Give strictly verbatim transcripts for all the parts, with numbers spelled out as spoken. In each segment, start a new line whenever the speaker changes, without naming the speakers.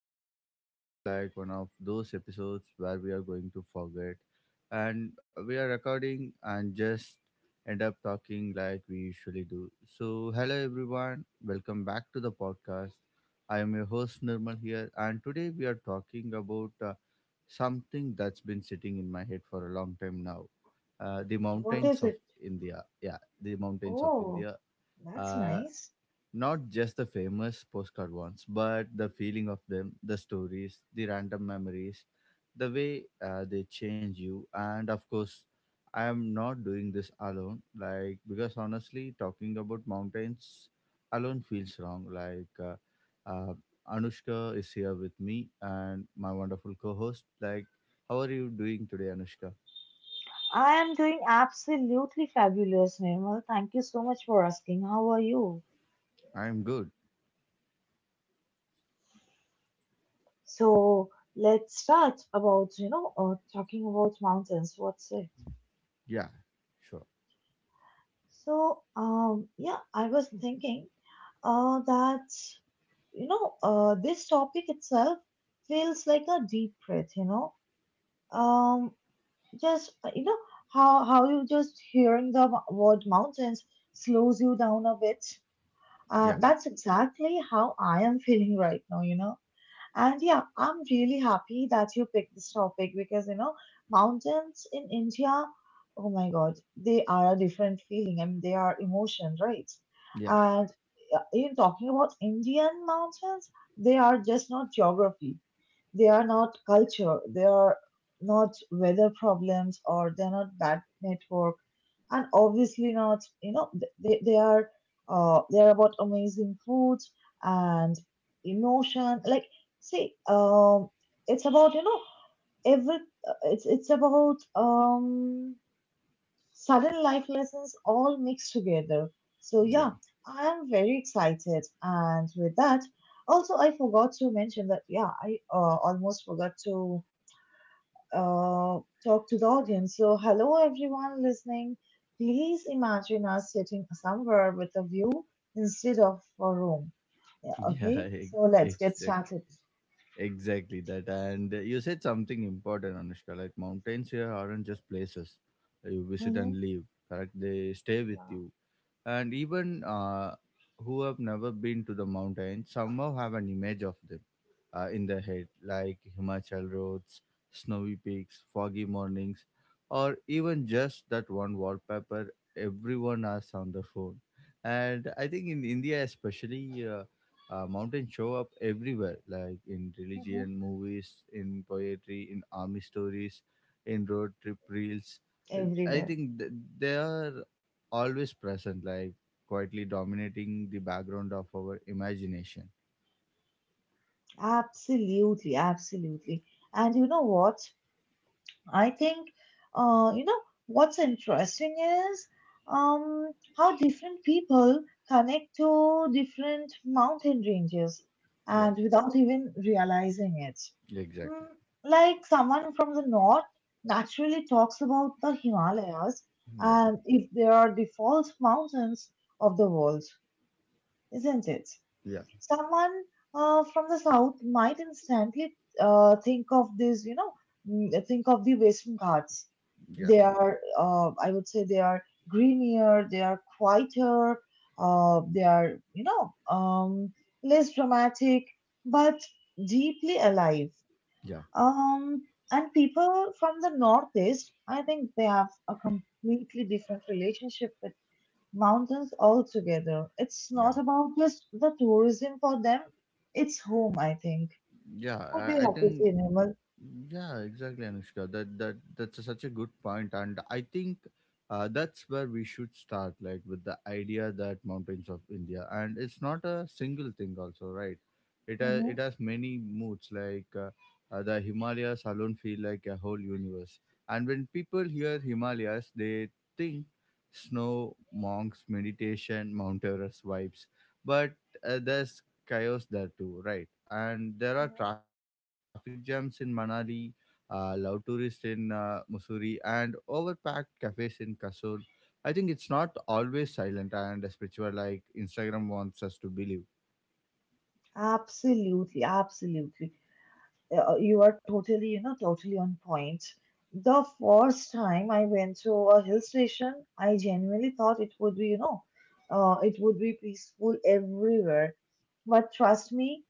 already feels like one of those episodes where we are going to forget and we are recording and just end up talking like we usually do. So, hello everyone, welcome back to the podcast. I am your host Nirmal here, and today we are talking about uh, something that's been sitting in my head for a long time now, uh, the
What
mountains
is
of
it?
India. Yeah, the mountains of
Oh,
India.
that's
Uh,
nice.
Not just the famous postcard ones, but the feeling of them, the stories, the random memories, the way uh, they change you. And of course, I am not doing this alone. Like, because honestly, talking about mountains alone feels wrong. Like, uh, uh, Anushka is here with me and my wonderful co host. Like, how are you doing today, Anushka?
I am doing absolutely fabulous, Nirmal. Thank you so much for asking. How are you?
I'm good.
So let's start about, you know, uh, talking about mountains. What's it?
Yeah, sure.
So, um, yeah, I was thinking uh, that, you know, uh, this topic itself feels like a deep breath, you know. Um, just, uh, you know, how, how you just hearing the word mountains slows you down a bit. Uh,
Yeah,
that's exactly how I am feeling right now, you know. And yeah, I'm really happy that you picked this topic because, you know, mountains in India, oh my God, they are a different feeling. I mean, they are emotion, right?
yeah,
And uh, in talking about Indian mountains, they are just not geography. They are not culture. They are not weather problems or they're not bad network and obviously not you know they, they are uh they are about amazing food and emotion. Like see um it's about you know every uh, it's it's about um Sudden life lessons all mixed together, so
yeah,
yeah, I am very excited. And with that, also I forgot to mention that yeah, i uh, almost forgot to uh, talk to the audience. So, hello everyone listening. Please imagine us sitting somewhere with a view instead of a room. Yeah,
yeah,
okay, so let's get
exactly.
started.
Exactly that. And you said something important, Anushka. Like mountains here aren't just places you visit
Mhm.
and leave. Correct? They stay with
Wow.
you, and even uh, who have never been to the mountains somehow have an image of them uh, in their head, like Himachal roads, snowy peaks, foggy mornings, or even just that one wallpaper everyone has on the phone. And I think in India, especially, uh, uh, mountains show up everywhere, like in
Mhm.
religion, movies, in poetry, in army stories, in road trip reels. Uh, I
Everywhere.
think th- they are always present, like quietly dominating the background of our imagination.
Absolutely, absolutely. And you know what? I think, uh, you know, what's interesting is um, how different people connect to different mountain ranges
Yeah.
and without even realizing it.
Exactly.
Mm, like someone from the north naturally talks about the Himalayas,
Yeah.
and if they are default mountains of the world, isn't it?
Yeah.
Someone uh, from the south might instantly uh, think of these, you know, mm, think of the western Ghats.
Yeah.
They are, uh, I would say, they are greenier, they are quieter, uh, they are, you know, um, less dramatic, but deeply alive.
Yeah.
Um, and people from the northeast, I think they have a completely different relationship with mountains altogether. It's
Yeah.
not about just the tourism for them, it's home, I think.
Yeah,
What do you
I, I
have to
think.
say, Nirmal?
Yeah, exactly, Anushka. That that that's such a good point, and I think uh, that's where we should start, like with the idea that mountains of India, and it's not a single thing, also, right? It has
Hmm.
it has many moods, like uh, uh, the Himalayas alone feel like a whole universe, and when people hear Himalayas, they think snow, monks, meditation, Mount Everest vibes. But uh, there's chaos there too, right? And there are
Hmm.
traffic jams in Manali, uh, loud tourists in uh, Mussoorie, and overpacked cafes in Kasur. I think it's not always silent and spiritual like Instagram wants us to believe.
Absolutely, absolutely. Uh, uh, you are totally, you know, totally on point. The first time I went to a hill station, I genuinely thought it would be, you know, uh, it would be peaceful everywhere. But trust me,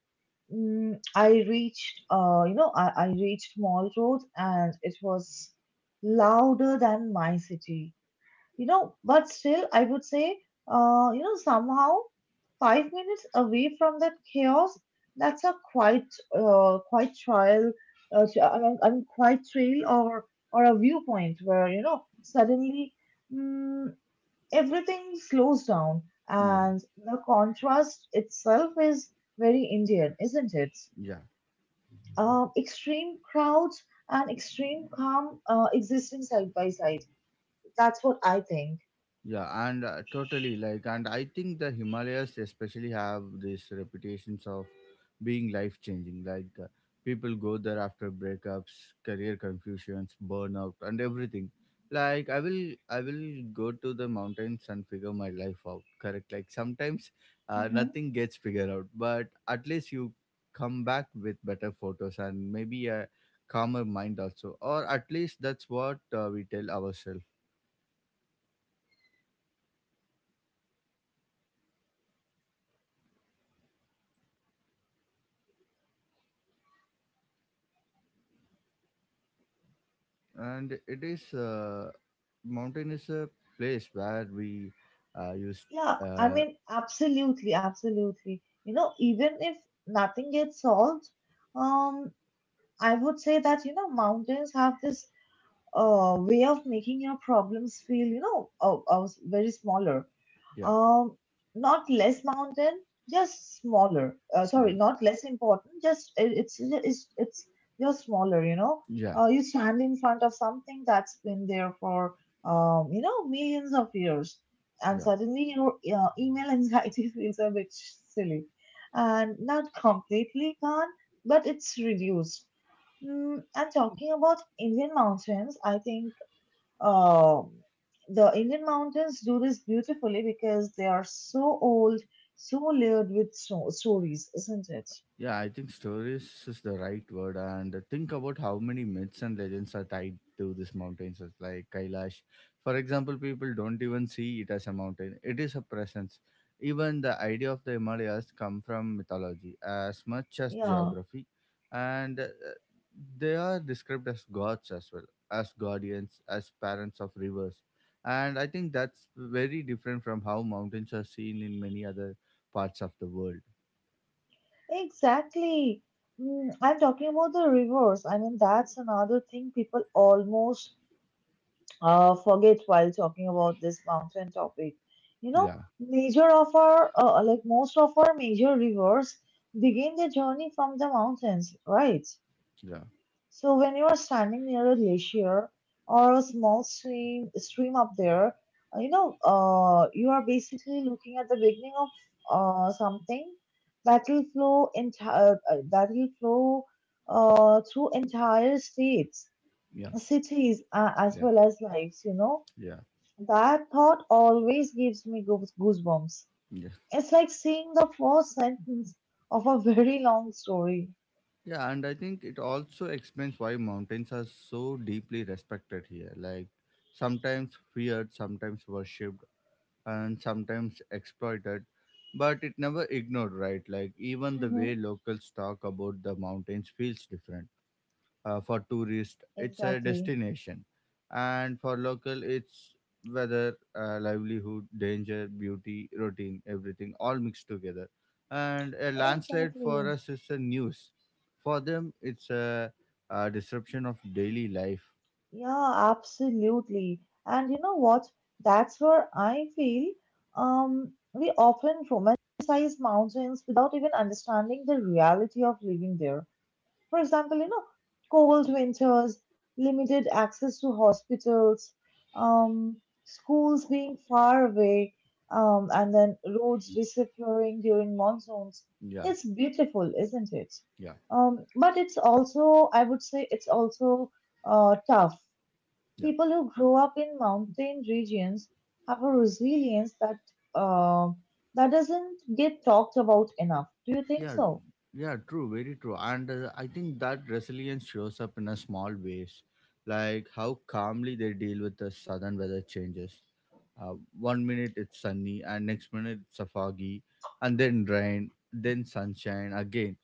mm, I reached, uh, you know, I, I reached Mall Road and it was louder than my city, you know, but still, I would say, uh, you know, somehow five minutes away from that chaos, that's a quite, uh, quite trial, uh, tr- I mean, I mean, quite trail, or, or a viewpoint where, you know, suddenly, mm, everything slows down
Yeah,
and the contrast itself is very Indian, isn't it?
yeah.
Um, extreme crowds and extreme calm uh, existing side by side. That's what I think.
Yeah, and uh, totally, like, and I think the Himalayas especially have these reputations of being life changing. Like, uh, people go there after breakups, career confusions, burnout, and everything. Like, I will, I will go to the mountains and figure my life out. Correct. Like sometimes, uh,
Mm-hmm.
nothing gets figured out, but at least you come back with better photos and maybe a calmer mind also, or at least that's what uh, we tell ourselves. And it is uh, mountain is a place where we uh, used
Yeah, I
uh,
mean, absolutely, absolutely. You know, even if nothing gets solved, um, I would say that, you know, mountains have this uh, way of making your problems feel, you know, uh, uh, very smaller.
yeah,
Um, not less mountain, just smaller. Uh, sorry,
yeah,
not less important. Just it, it's it's it's just smaller. You know,
yeah,
uh, you stand in front of something that's been there for um, you know, millions of years, and
yeah.
suddenly your uh, email anxiety feels a bit silly, and not completely gone, but it's reduced. Mm, and talking about Indian mountains, I think um, the Indian mountains do this beautifully because they are so old, so layered with so- stories, isn't it?
Yeah, I think stories is the right word. And think about how many myths and legends are tied to these mountains, as like Kailash. For example, people don't even see it as a mountain; it is a presence. Even the idea of the Himalayas come from mythology as much as
Yeah,
geography, and uh, they are described as gods as well, as guardians, as parents of rivers. And I think that's very different from how mountains are seen in many other parts of the world.
exactly. Mm, I'm talking about the rivers. I mean, that's another thing people almost uh, forget while talking about this mountain topic. You know,
Yeah,
major of our, uh, like most of our major rivers begin their journey from the mountains, right?
yeah,
So when you are standing near a glacier or a small stream, stream up there, uh, you know, uh, you are basically looking at the beginning of uh, something that will flow entire, uh, that will flow uh, through entire states,
yeah.
cities, uh, as
Yeah,
well as lives, you know,
yeah,
that thought always gives me goose- goosebumps.
yeah,
It's like seeing the first sentence of a very long story.
yeah. And I think it also explains why mountains are so deeply respected here. Like sometimes feared, sometimes worshipped, and sometimes exploited, but it never ignored, right? Like even the
Mm-hmm.
way locals talk about the mountains feels different. Uh, for tourists it's a
Exactly.
destination, and for local it's weather, uh, livelihood, danger, beauty, routine, everything all mixed together. And a landslide for
Exactly.
us is a news. For them it's a, a disruption of daily life.
Yeah, absolutely. And you know what? That's where I feel um, we often romanticize mountains without even understanding the reality of living there. For example, you know, cold winters, limited access to hospitals, um, schools being far away, um, and then roads disappearing during monsoons.
Yeah,
It's beautiful, isn't it?
yeah,
Um, but it's also, I would say, it's also uh, tough.
yeah,
People who grow up in mountain regions have a resilience that um that doesn't get talked about enough. Do you think
yeah,
so?
yeah, true, very true. And uh, I think that resilience shows up in a small ways, like how calmly they deal with the sudden weather changes. uh, One minute it's sunny and next minute it's a foggy, and then rain, then sunshine again.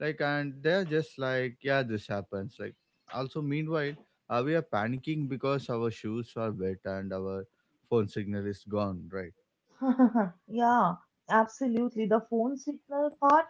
Like, and they're just like, yeah, this happens. Like, also meanwhile uh, we are panicking because our shoes are wet and our phone signal is gone, right?
Yeah, absolutely. The phone signal part,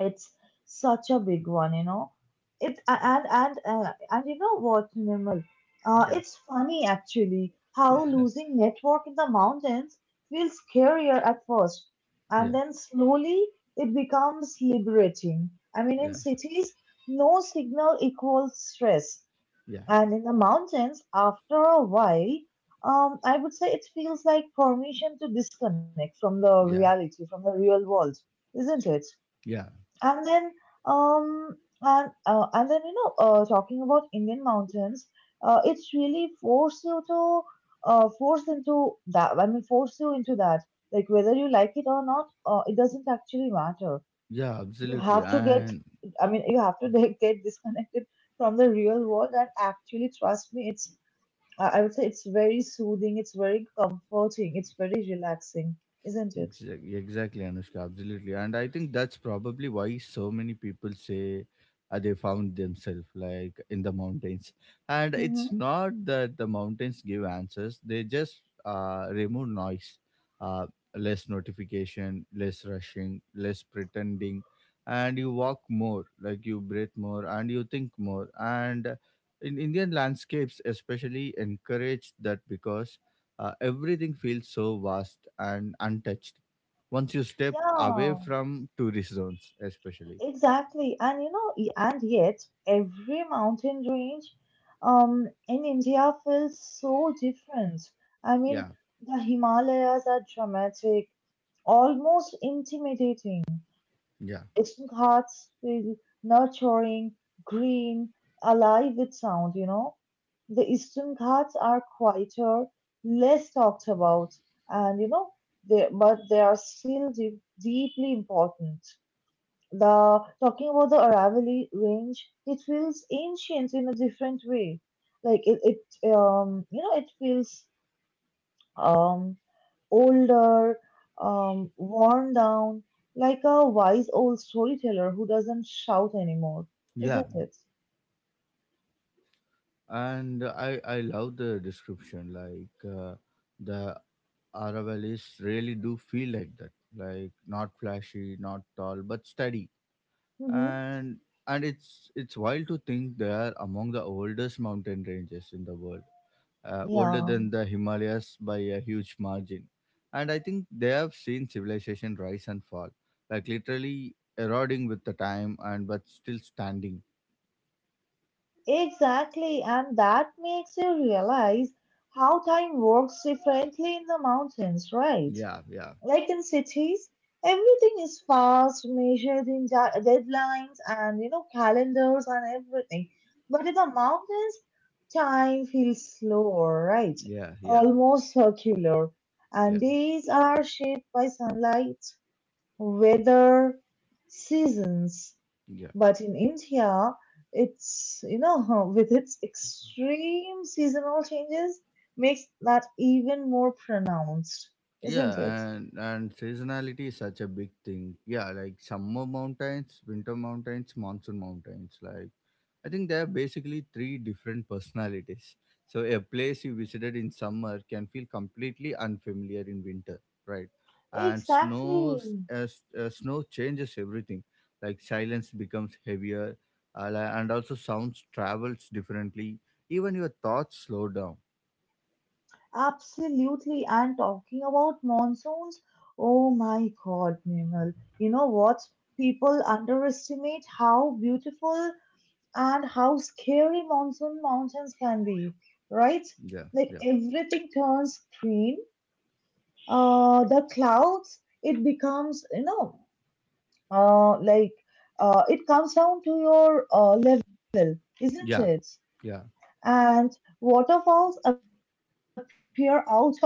it's such a big one, you know. It a- and and uh, And you know what, Nirmal? Uh,
Yeah,
it's funny actually how
yeah,
losing network in the mountains feels scarier at first, and
yeah,
then slowly it becomes liberating. I mean, in
yeah,
cities, no signal equals stress.
yeah,
And in the mountains, after a while, um, I would say it feels like permission to disconnect from the
yeah,
reality, from the real world, isn't it?
yeah.
And then, um, and uh, and then you know, uh, talking about Indian mountains, uh, it's really force you to, uh, force into that. I mean, force you into that. Like whether you like it or not, uh, it doesn't actually matter.
Yeah,
You
absolutely.
have to get,
And
I mean, you have to get disconnected from the real world, and actually trust me it's, I I would say it's very soothing, it's very comforting, it's very relaxing, isn't it?
exactly, exactly, Anushka, absolutely. And I think that's probably why so many people say uh, they found themselves like in the mountains. And it's
Mm-hmm.
not that the mountains give answers, they just uh, remove noise, uh, less notification, less rushing, less pretending. And you walk more, like you breathe more, and you think more. And in Indian landscapes, especially, encourage that because uh, everything feels so vast and untouched once you step away
Yeah,
from tourist zones especially.
exactly. And you know, y- and yet every mountain range um in India feels so different. I
Yeah,
mean, the Himalayas are dramatic, almost intimidating,
yeah,
and the western Ghats feel nurturing, green, alive with sound, you know. The eastern Ghats are quieter, less talked about, and you know, they, but they are still deep, deeply important. The talking about the Aravalli range, it feels ancient in a different way. Like it, it um, you know, it feels um, older, um, worn down, like a wise old storyteller who doesn't shout anymore,
yeah.
isn't it?
And i i love the description, like uh, the Aravallis really do feel like that. Like not flashy, not tall, but steady.
Hmm.
And and it's it's wild to think they are among the oldest mountain ranges in the world, uh, older
Yeah,
than the Himalayas by a huge margin. And I think they have seen civilization rise and fall, like literally eroding with the time and but still standing.
exactly. And that makes you realize how time works differently in the mountains, right?
Yeah, yeah,
Like in cities, everything is fast, measured in da- deadlines and you know calendars and everything. But in the mountains, time feels slower, right?
yeah, yeah,
Almost circular,
yeah,
and days are shaped by sunlight, weather, seasons.
yeah.
But in India, it's you know with its extreme seasonal changes makes that even more pronounced,
Yeah,
isn't it?
and and seasonality is such a big thing. Yeah, like summer mountains, winter mountains, monsoon mountains, like I think there are basically three different personalities. So a place you visited in summer can feel completely unfamiliar in winter, right? And snow
Exactly.
as uh, snow changes everything. Like silence becomes heavier, uh, li- and also sounds travels differently. Even your thoughts slow down.
Absolutely. And talking about monsoons, oh my God, Nirmal. You know what? People underestimate how beautiful and how scary monsoon mountains can be, right?
Yeah, yeah,
Like everything turns green. Uh, the clouds, it becomes, you know, uh, like uh, it comes down to your uh, level, isn't it?
yeah, yeah,
And waterfalls appear out of nowhere.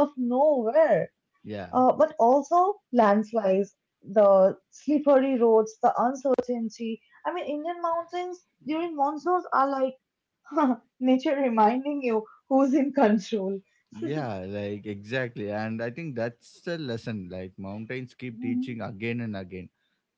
Uh, but
yeah.
also landslides, the slippery roads, the uncertainty. I mean, Indian mountains during monsoons are like nature reminding you who's in control.
Yeah, like exactly. And I think that's the lesson. Like mountains keep
Mm-hmm.
teaching again and again,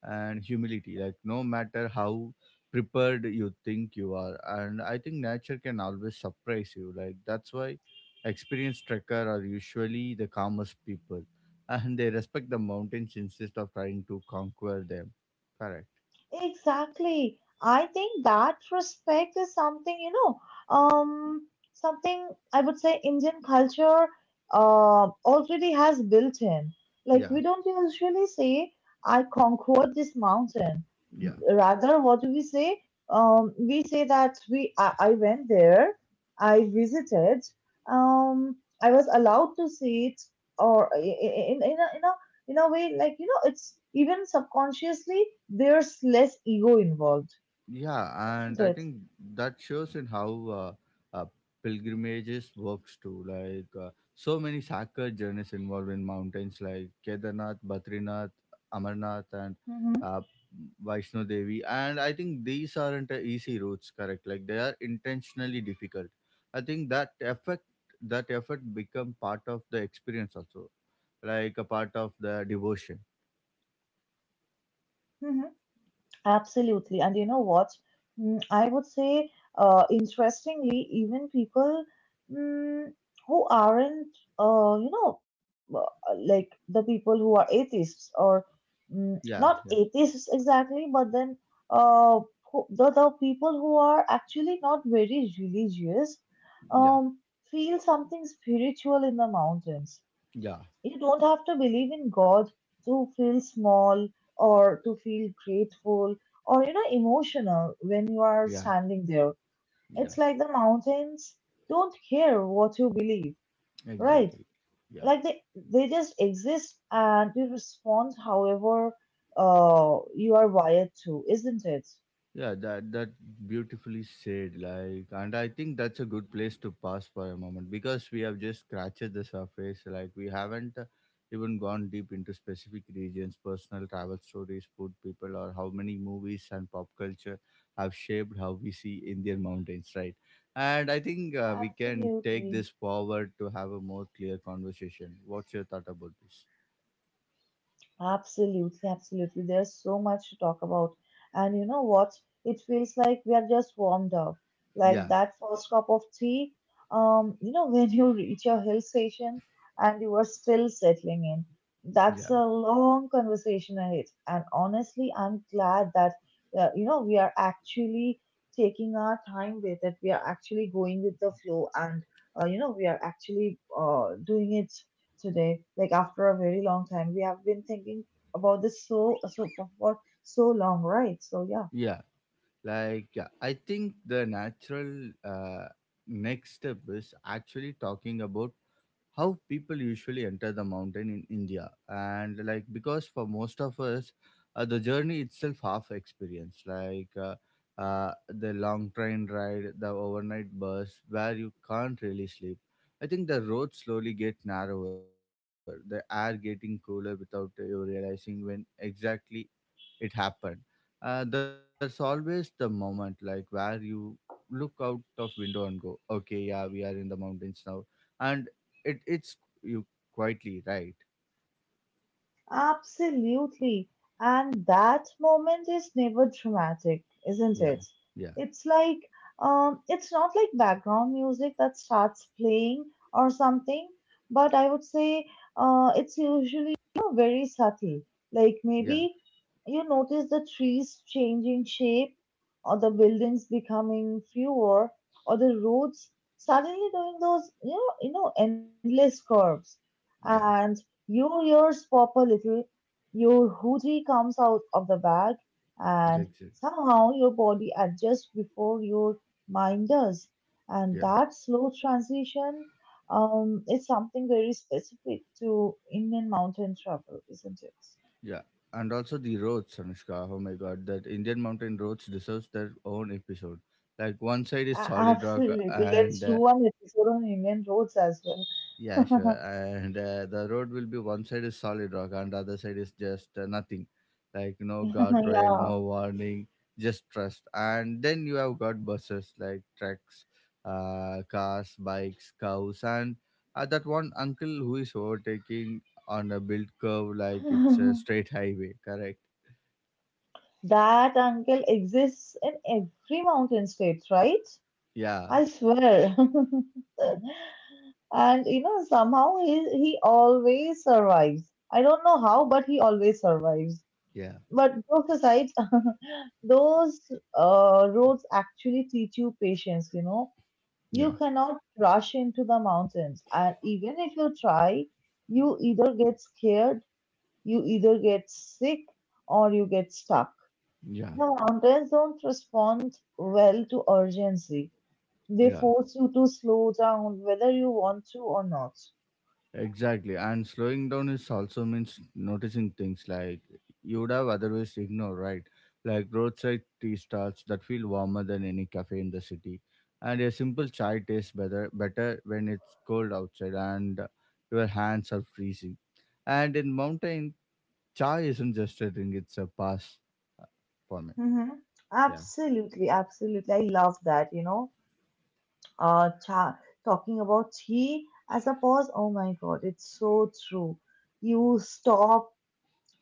and humility, like no matter how prepared you think you are. And I think nature can always surprise you. Like that's why experienced trekker are usually the calmest people, and they respect the mountains instead of trying to conquer them. Correct.
Exactly. I think that respect is something, you know, um, something I would say Indian culture uh, already has built in. Like,
Yeah,
we don't usually say, I conquered this mountain.
yeah,
Rather, what do we say? Um, we say that we I, I went there, I visited, um, I was allowed to see it, or I- I- in, in, a, in a in a way like you know it's even subconsciously there's less ego involved,
yeah. And
isn't
I
it?
think that shows in how uh, uh, pilgrimages works too. Like uh, so many sacred journeys involved in mountains, like Kedarnath, Badrinath, Amarnath, and
Mm-hmm.
uh, Vaishno Devi. And I think these aren't uh, easy routes. Correct. Like they are intentionally difficult. I think that effort, that effort become part of the experience also, like a part of the devotion.
Absolutely. And you know what? Mm, I would say, uh, interestingly, even people mm, who aren't, uh, you know, uh, like the people who are atheists or
Yeah, yeah,
mm, not atheists exactly, but then uh, who- the, the people who are actually not very religious
yeah,
um, feel something spiritual in the mountains.
yeah,
You don't have to believe in God to feel small or to feel grateful or, you know, emotional when you are
yeah,
standing there.
yeah.
It's like the mountains don't care what you believe, right?
Exactly. Yeah.
Like they, they just exist and you respond however uh, you are wired to, isn't it?
Yeah, that that beautifully said. Like and I think that's a good place to pause for a moment because we have just scratched the surface. Like we haven't uh, even gone deep into specific regions, personal travel stories, food people or how many movies and pop culture have shaped how we see Indian mountains, right? And I think uh, we can take
Absolutely.
this forward to have a more clear conversation. What's your thought about this?
Absolutely, absolutely. There's so much to talk about. And you know what? It feels like we are just warmed up. Like
Yeah.
that first cup of tea, um, you know, when you reach your hill station and you are still settling in. That's
Yeah.
a long conversation ahead. And honestly, I'm glad that, uh, you know, we are actually taking our time with it. We are actually going with the flow, and, uh, you know, we are actually uh, doing it today. Like after a very long time, we have been thinking about this so so for for so long, right? So yeah.
Yeah. Like, yeah, I think the natural uh, next step is actually talking about how people usually enter the mountain in India. And like because for most of us, uh, the journey itself half experience. Like uh, uh, the long train ride, the overnight bus where you can't really sleep. I think the roads slowly get narrower, the air getting cooler without uh, you realizing when exactly it happened. Uh, there's always the moment like where you look out of window and go, okay, yeah, we are in the mountains now, and it it's you quietly, right?
Absolutely. And that moment is never dramatic, isn't it?
Yeah,
It's
yeah,
like, um, it's not like background music that starts playing or something, but I would say uh, it's usually you know, very subtle. Like maybe
yeah,
you notice the trees changing shape, or the buildings becoming fewer, or the roads suddenly doing those, you know, you know, endless curves. And
yeah,
your ears pop a little, your hoodie comes out of the bag, and
exactly,
somehow your body adjusts before your mind does. And
yeah,
that slow transition um, is something very specific to Indian mountain travel, isn't it?
yeah. And also the roads, Anushka. Oh my God, that Indian mountain roads deserves their own episode. Like one side is
A-
solid rock
Absolutely. Let's
and
do
uh,
one episode on Indian roads as
yeah, sure.
well.
And uh, the road will be one side is solid rock and the other side is just uh, nothing. Like no guardrail,
Yeah.
no warning, just trust. And then you have got buses like trucks, uh, cars, bikes, cows, and uh, that one uncle who is overtaking on a built curve like it's a straight highway, correct?
That uncle exists in every mountain state, right?
Yeah,
I swear. and you know, somehow he he always survives. I don't know how, but he always survives.
yeah,
But jokes aside, those uh, roads actually teach you patience. You know,
yeah,
you cannot rush into the mountains, and even if you try, you either get scared, you either get sick, or you get stuck. The
yeah,
mountains don't respond well to urgency, they
yeah.
force you to slow down whether you want to or not.
Exactly. And slowing down is also means noticing things like you would have otherwise ignored, right? Like roadside tea stalls that feel warmer than any cafe in the city. And a simple chai tastes better better when it's cold outside and your hands are freezing. And in mountain, chai isn't just a drink, it's a pass uh, for me.
Mm-hmm.
Yeah.
Absolutely, absolutely. I love that, you know. uh, cha- Talking about he as a pause. Oh my God, it's so true. You stop,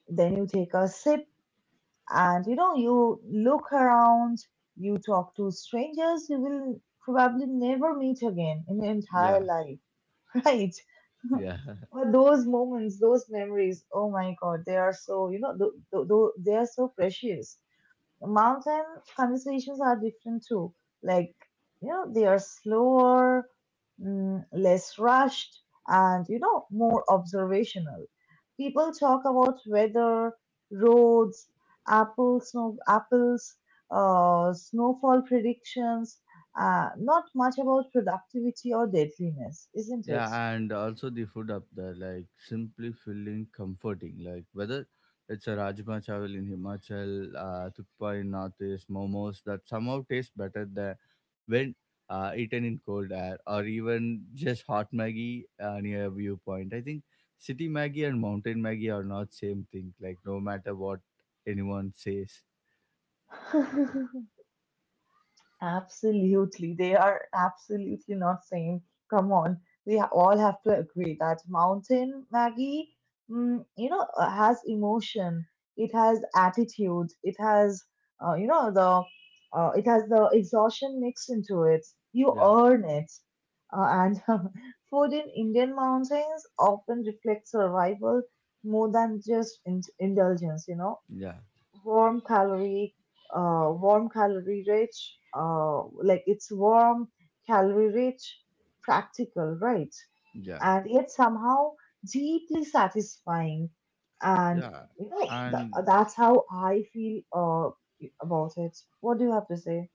then you take a sip, and you know, you look around, you talk to strangers you will probably never meet again in your entire
Yeah.
life, right?
Yeah.
But those moments, those memories, oh my God, they are so, you know, th- th- th- they are so precious, mountain conversations are different too. Like, you know, they are slower, mm, less rushed, and, you know, more observational. People talk about weather, roads, apple snow, apples, uh, snowfall predictions, uh, not much about productivity or deadliness, isn't it?
Yeah, and also the food up there, like simply feeling comforting. Like whether it's a Rajma Chawal in Himachal, uh, Thukpa in Northeast, momos that somehow taste better than when uh, eaten in cold air, or even just hot Maggi uh, near a viewpoint. I think city Maggi and mountain Maggi are not same thing. Like no matter what anyone says.
Absolutely. They are absolutely not same. Come on. We ha- all have to agree that Mountain Maggie, mm, you know, uh, has emotion. It has attitude. It has, uh, you know, the, uh, it has the exhaustion mixed into it. You
Yeah,
earn it. Uh, and food in Indian mountains often reflects survival more than just in- indulgence, you know,
yeah,
warm calorie uh warm calorie rich uh like it's warm calorie rich, practical, right?
yeah,
And yet somehow deeply satisfying, and
yeah.
you know, th-
And
that's how I feel uh about it. What do you have to say?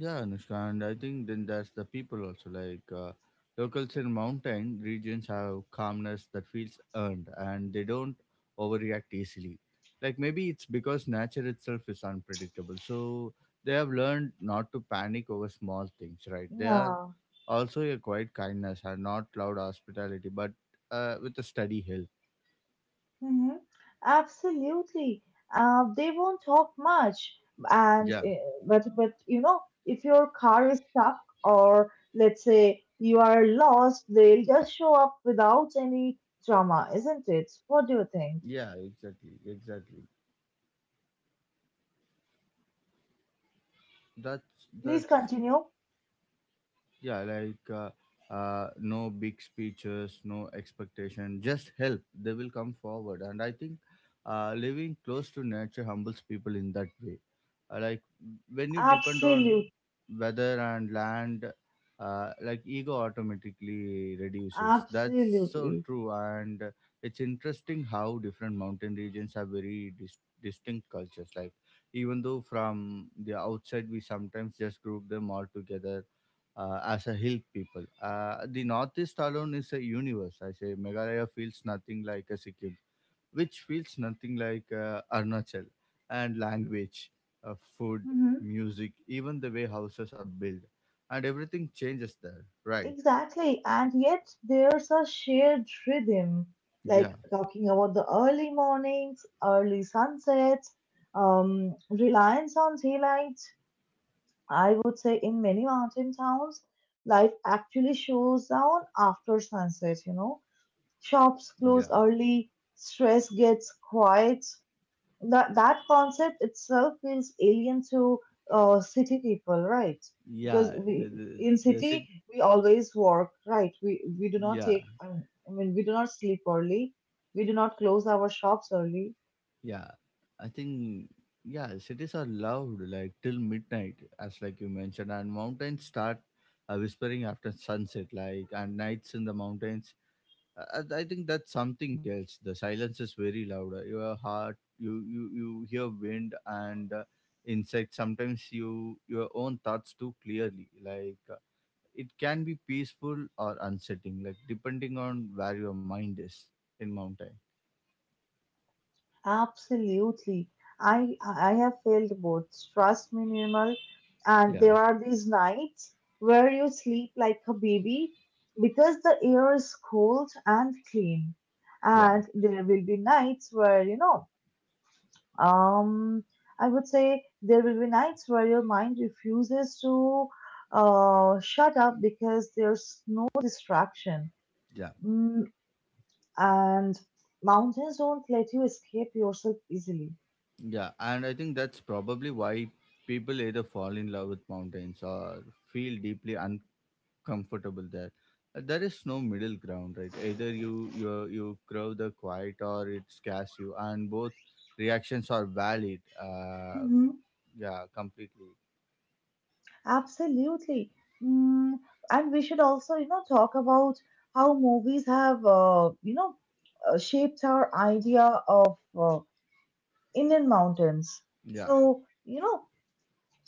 yeah, Anushka, and I think then that's the people also. Like uh, locals in mountain regions have calmness that feels earned, and they don't overreact easily. Like maybe it's because nature itself is unpredictable, so they have learned not to panic over small things. Right? They are
Yeah.
also a quiet kindness and not loud hospitality, but uh, with a steady hill.
Hmm. Absolutely. Uh, they won't talk much, and
Yeah,
uh, but but you know, if your car is stuck or let's say you are lost, they'll just show up without any drama, isn't it? What do you
yeah,
think?
exactly, exactly. That's that's
Please continue.
yeah like uh, uh, no big speeches, no expectation, just help, they will come forward. And I think uh, living close to nature humbles people in that way. Uh, like when you depend on
Absolute,
weather and land, uh, like ego automatically reduces. That's so
Absolutely.
true. And it's interesting how different mountain regions have very dis- distinct cultures, like even though from the outside we sometimes just group them all together uh, as a hill people. Uh, the northeast alone is a universe. I say Meghalaya feels nothing like a Sikkim, which feels nothing like uh, Arunachal. And language, uh, food,
Mm-hmm.
music, even the way houses are built, and everything changes there. Right?
Exactly. And yet there's a shared rhythm, like
Yeah,
talking about the early mornings, early sunsets, um, reliance on daylight. I would say in many mountain towns, life actually slows down after sunset, you know.
yeah.
Shops close early, stress gets quiet, that that concept itself feels alien to uh, city people, right? Because
Yeah, the,
we
the,
in
the,
city
sit-
we always work, right? We we do not
yeah.
take, um, I mean, we do not sleep early, we do not close our shops early.
Yeah, I think Yeah, cities are loud like till midnight, as like you mentioned, and mountains start uh, whispering after sunset, like, and nights in the mountains. Uh, I I think that's something else. The silence is very loud. Uh, Your heart, you you you hear wind and uh, insects. Sometimes you your own thoughts too clearly. Like uh, it can be peaceful or unsettling, like depending on where your mind is in mountain.
Absolutely, I I have felt both. Trust me, Nirmal, and
Yeah,
there are these nights where you sleep like a baby because the air is cold and clean,
yeah,
and there will be nights where you know, um, I would say there will be nights where your mind refuses to uh, shut up because there's no distraction.
yeah.
Mm, and mountains don't let you escape yourself easily.
Yeah, and I think that's probably why people either fall in love with mountains or feel deeply uncomfortable there. Uh, There is no middle ground, right? Either you you you crave the quiet or it scares you, and both reactions are valid. Uh,
Hmm.
yeah, completely.
Absolutely. Mm, and we should also, you know, talk about how movies have, uh, you know, uh, shaped our idea of uh, Indian mountains.
Yeah,
So, you know,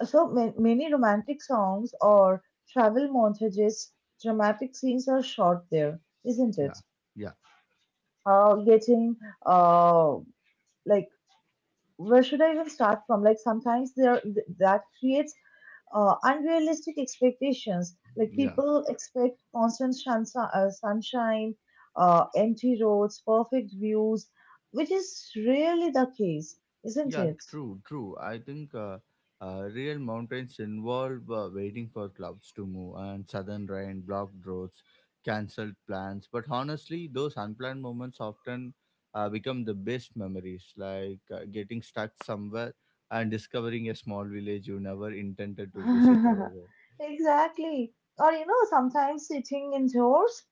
So ma- many romantic songs or travel montages, dramatic scenes are shot there, isn't
yeah,
it?
yeah,
Uh, getting uh, like Where should I even start from? Like sometimes there th- that creates uh, unrealistic expectations. Like
yeah.
people expect constant shans- uh, sunshine, uh, empty roads, perfect views, which is really the case, isn't
Yeah,
it?
true, true. I think uh, uh, real mountains involve uh, waiting for clouds to move and sudden rain, blocked roads, cancelled plans. But honestly, those unplanned moments often uh, become the best memories, like uh, getting stuck somewhere and discovering a small village you never intended to visit over
Exactly. Or, you know, sometimes sitting indoors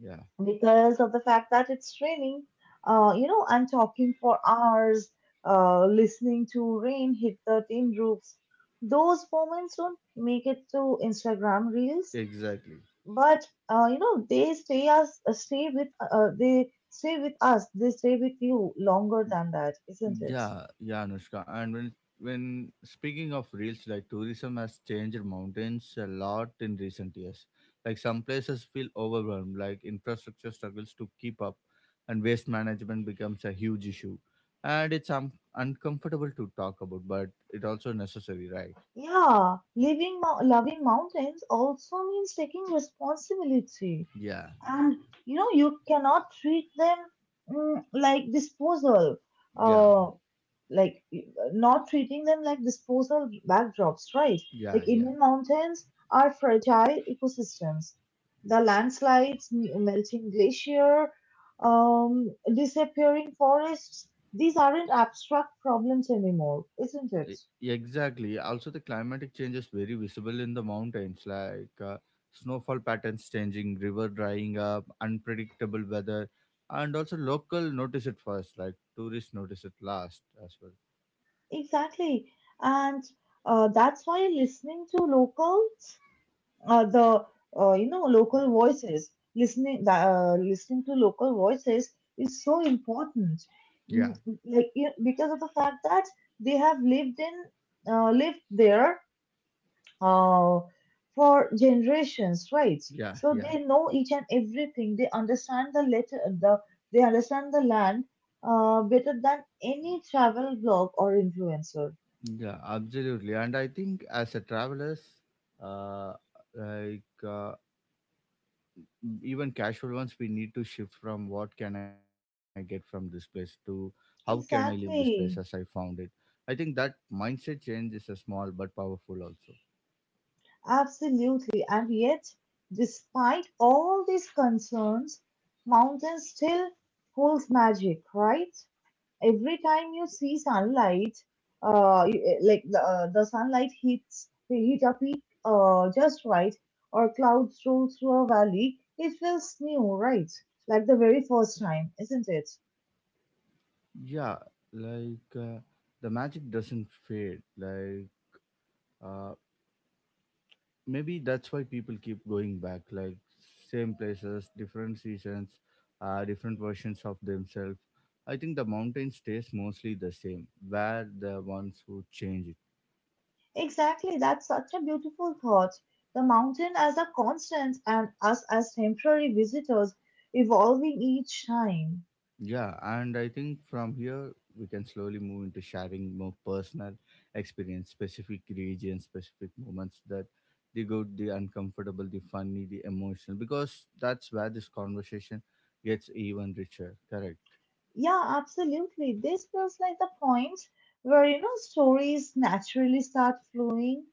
there.
because of the fact that it's raining, uh, you know, and talking for hours, uh, listening to rain hit the tin roofs. Those moments don't make it to Instagram reels,
Yeah, exactly.
but uh, you know, they stay us, uh, stay with, uh, uh, they stay with us, they stay with you longer than that, isn't it?
Yeah, yeah, Anushka. And when when speaking of reels, like tourism has changed mountains a lot in recent years. Like some places feel overwhelmed, like infrastructure struggles to keep up, and waste management becomes a huge issue. And it's um, uncomfortable to talk about, but it also necessary, right?
Yeah, living, mou- loving mountains also means taking responsibility.
Yeah,
And you know, you cannot treat them, mm, like disposal,
yeah,
uh, like y- not treating them like disposal backdrops, right?
yeah,
Like
yeah.
Indian mountains are fragile ecosystems. The landslides, me- melting glacier, um, disappearing forests, these aren't abstract problems anymore, isn't it?
E- Exactly. Also, the climatic change is very visible in the mountains, like uh, snowfall patterns changing, river drying up, unpredictable weather, and also local notice it first, like tourists notice it last as well.
Exactly. And uh, that's why listening to local, uh, the uh, you know, local voices, listening the, uh, listening to local voices is so important. Mm,
Yeah,
like you know, because of the fact that they have lived in uh, lived there uh, for generations, right?
yeah,
So
yeah,
they know each and everything. They understand the letter, the they understand the land, uh, better than any travel blog or influencer.
yeah, absolutely. And I think as a travelers, uh, like uh, even casual ones, we need to shift from what can I get from this place to how can I leave this place as I
Exactly.
found it. I think that mindset change is a small but powerful also.
Absolutely. And yet, despite all these concerns, mountain still holds magic, right? Every time you see sunlight, uh, you- eh, like the, uh, the sunlight hits hit a peak uh, just right, or clouds roll through a valley, it feels new, right? Like the very first time, isn't it?
Yeah, like uh, the magic doesn't fade, like uh, maybe that's why people keep going back, like same places, different seasons, uh, different versions of themselves. I think the mountain stays mostly the same where the ones who change it.
Exactly, that's such a beautiful thought. The mountain as a constant and us as temporary visitors evolving each time.
Yeah, and I think from here we can slowly move into sharing more personal experience, specific regions, specific moments that the good, the uncomfortable, the funny, the emotional, because that's where this conversation gets even richer. Correct.
Yeah, absolutely. This feels like the point where, you know, stories naturally start flowing.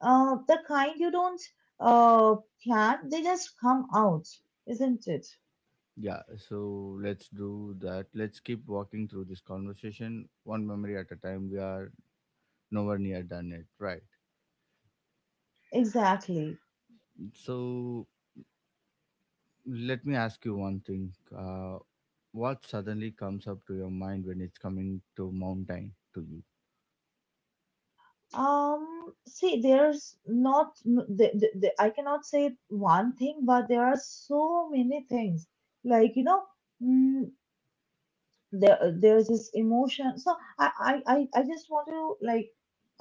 Uh, the kind you don't uh, plan, they just come out, isn't it?
Yeah, so let's do that. Let's keep walking through this conversation one memory at a time. We are nowhere near done yet, right?
Exactly.
So let me ask you one thing. Uh, what suddenly comes up to your mind when it's coming to mountain to you?
Um, see, there's not, n- the, the, the, I cannot say one thing, but there are so many things. Like, you know, mm, there, there's this emotion. So I, I, I I just want to like,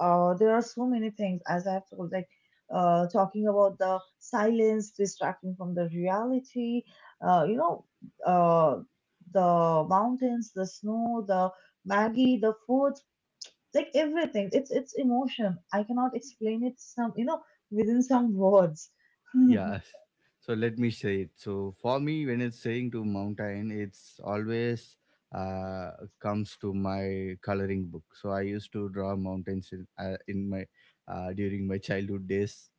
uh, there are so many things as I've told, like, uh, talking about the silence, distracting from the reality, uh, you know, uh, the mountains, the snow, the Maggie, the food, like everything, it's it's emotion. I cannot explain it some, you know, within some words. Hmm.
Yeah. So let me say it. So for me, when it's saying to mountain, it's always uh, comes to my coloring book. So I used to draw mountains in, uh, in my uh, during my childhood days,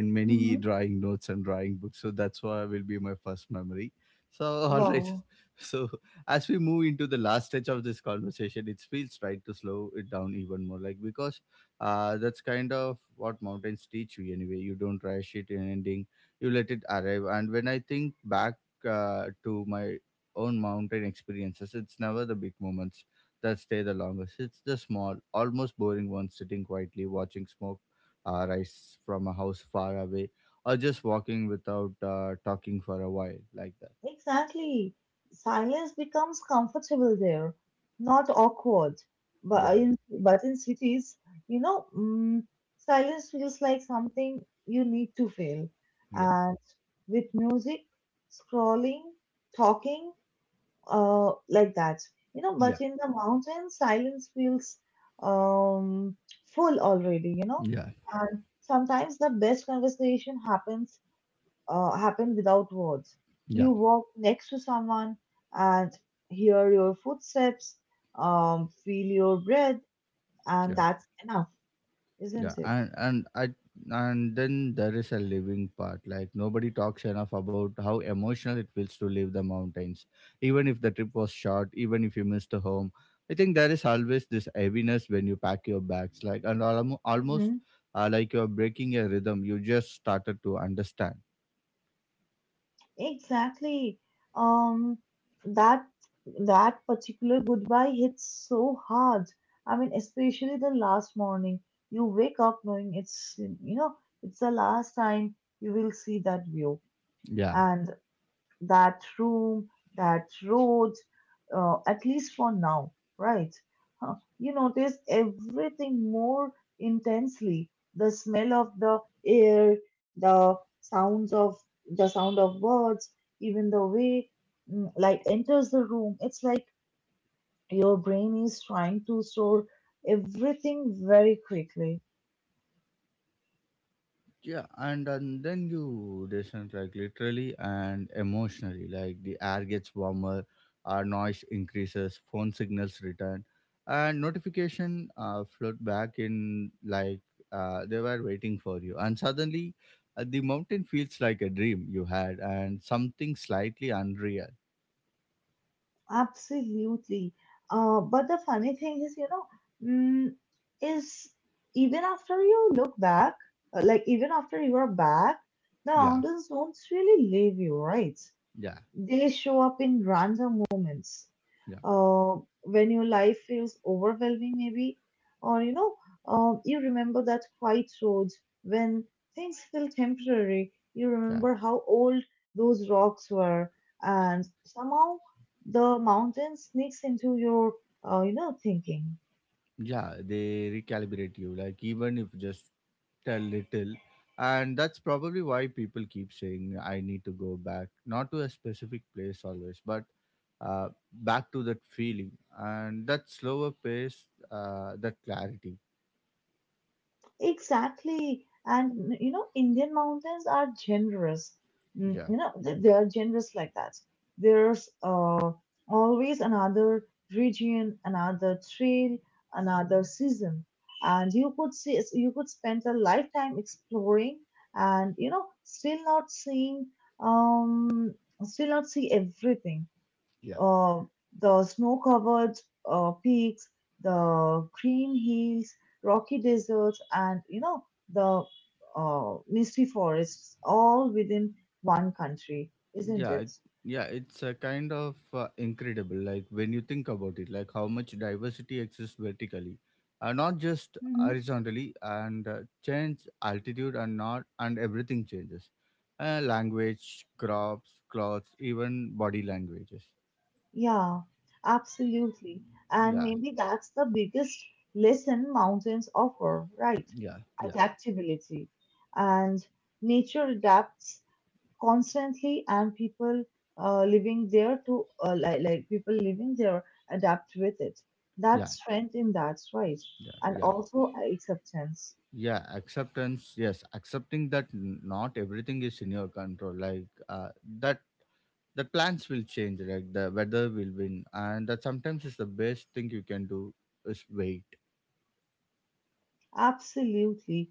in many drawing notes and drawing books. So that's why will be my first memory. So all right.
Wow.
So as we move into the last stage of this conversation, it feels right to slow it down even more. Like because uh, that's kind of what mountains teach you anyway. You don't rush it in ending. You let it arrive. And when I think back uh, to my own mountain experiences, it's never the big moments that stay the longest. It's the small, almost boring ones sitting quietly watching smoke uh, rice from a house far away, or just walking without uh, talking for a while, like that.
Exactly, silence becomes comfortable there, not awkward, but uh,
Yeah,
in but in cities, you know, mm, silence feels like something you need to feel,
yeah,
and with music, scrolling, talking, uh, like that. You know,
yeah,
but in the mountains, silence feels um, full already, you know,
yeah,
and sometimes the best conversation happens uh, happen without words.
yeah,
You walk next to someone and hear your footsteps, um, feel your breath, and
yeah,
that's enough,
yeah.
isn't it?
And and I and then there is a living part. Like nobody talks enough about how emotional it feels to leave the mountains, even if the trip was short, even if you missed a home. I think there is always this heaviness when you pack your bags, like, and almo- almost uh, like you're breaking a rhythm you just started to understand.
Exactly. Um, that that particular goodbye hits so hard. I mean, especially the last morning. You wake up knowing it's, you know, it's the last time you will see that view.
Yeah,
And that room, that road, uh, at least for now, right? Huh, you notice everything more intensely. The smell of the air, the sounds of the sound of birds, even the way, mm, light enters the room. It's like your brain is trying to store everything very quickly.
yeah. And, and then you descend, like literally and emotionally, like the air gets warmer, our noise increases, phone signals return, and notification uh, float back in like uh, they were waiting for you. And suddenly uh, the mountain feels like a dream you had and something slightly unreal.
Absolutely. Uh, but the funny thing is, you know, mm, is even after you look back, uh, like even after you are back, the
Yeah,
mountains don't really leave you, right?
yeah,
They show up in random moments
yeah,
uh, when your life feels overwhelming, maybe, or you know, uh, you remember that quiet road when things feel temporary. You
yeah,
remember how old those rocks were, and somehow the mountain sneaks into your, uh, you know, thinking.
yeah, they recalibrate you, like even if just a little. And that's probably why people keep saying I need to go back, not to a specific place always, but uh, back to that feeling and that slower pace, uh, that clarity.
Exactly. And you know, Indian mountains are generous. Mm,
yeah
you know, they they are generous like that. There's uh, always another region, another trail, another season, and you could see you could spend a lifetime exploring, and you know, still not seeing um, still not see everything, uh, the snow covered uh, peaks, the green hills, rocky deserts, and you know, the uh, misty forests, all within one country, isn't
yeah
it?
it, yeah, it's a kind of uh, incredible like when you think about it, like how much diversity exists vertically, uh, not just
Mm-hmm.
horizontally. And uh, change altitude, and not, and everything changes, uh, language, crops, clothes, even body languages.
Yeah, absolutely. And
Yeah,
maybe that's the biggest lesson mountains offer, right?
yeah, yeah,
Adaptability. And nature adapts constantly, and people uh, living there to uh, like, like people living there adapt with it.
yeah,
That's strength in that's right,
yeah,
and
yeah,
also acceptance.
yeah, acceptance, yes. Accepting that n- not everything is in your control, like uh, that the plans will change, right? The weather will win, and that sometimes is the best thing you can do is wait.
Absolutely.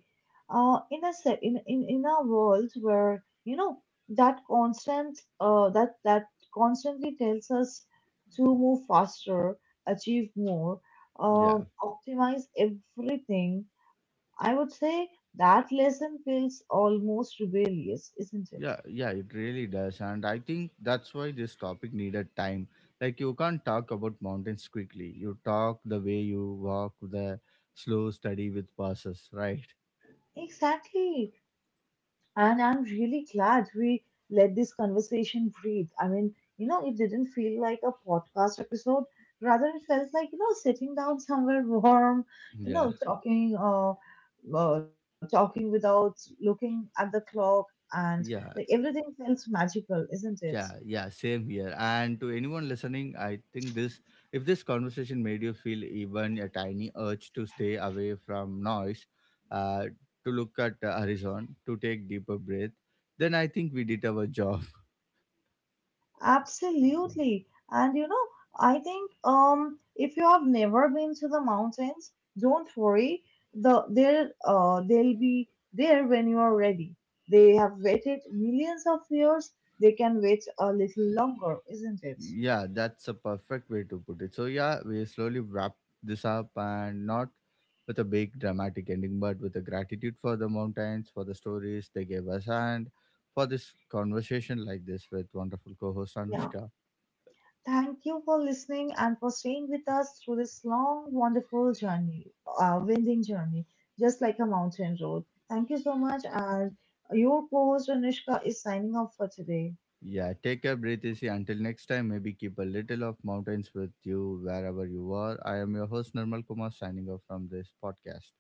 Uh, in a se- in, in in a world where you know, that constant uh, that that constantly tells us to move faster, achieve more,
Yeah,
um, optimize everything, I would say that lesson feels almost rebellious, isn't it?
yeah, yeah, it really does. And I think that's why this topic needed time, like you can't talk about mountains quickly. You talk the way you walk, the slow study with passes, right?
Exactly. And I'm really glad we let this conversation breathe. I mean, you know, it didn't feel like a podcast episode. Rather, it felt like, you know, sitting down somewhere warm, you
Yeah,
know, talking, uh, uh, talking without looking at the clock, and like
yeah.
everything felt magical, isn't it?
Yeah, yeah, same here. And to anyone listening, I think this, if this conversation made you feel even a tiny urge to stay away from noise, uh, to look at the horizon, to take deeper breath, then I think we did our job.
Absolutely. And you know, I think um if you have never been to the mountains, don't worry. The they'll uh they'll be there when you are ready. They have waited millions of years. They can wait a little longer, isn't it?
Yeah, that's a perfect way to put it. So yeah, we slowly wrap this up, and not with a big dramatic ending, but with a gratitude for the mountains, for the stories they gave us, and for this conversation like this with wonderful co-host
Yeah.
Anushka.
Thank you for listening and for staying with us through this long, wonderful journey, uh, winding journey, just like a mountain road. Thank you so much. And your co host, Anushka, is signing off for today.
Yeah, take a breath easy until next time. Maybe keep a little of mountains with you wherever you are. I am your host Nirmal Kumar signing off from this podcast.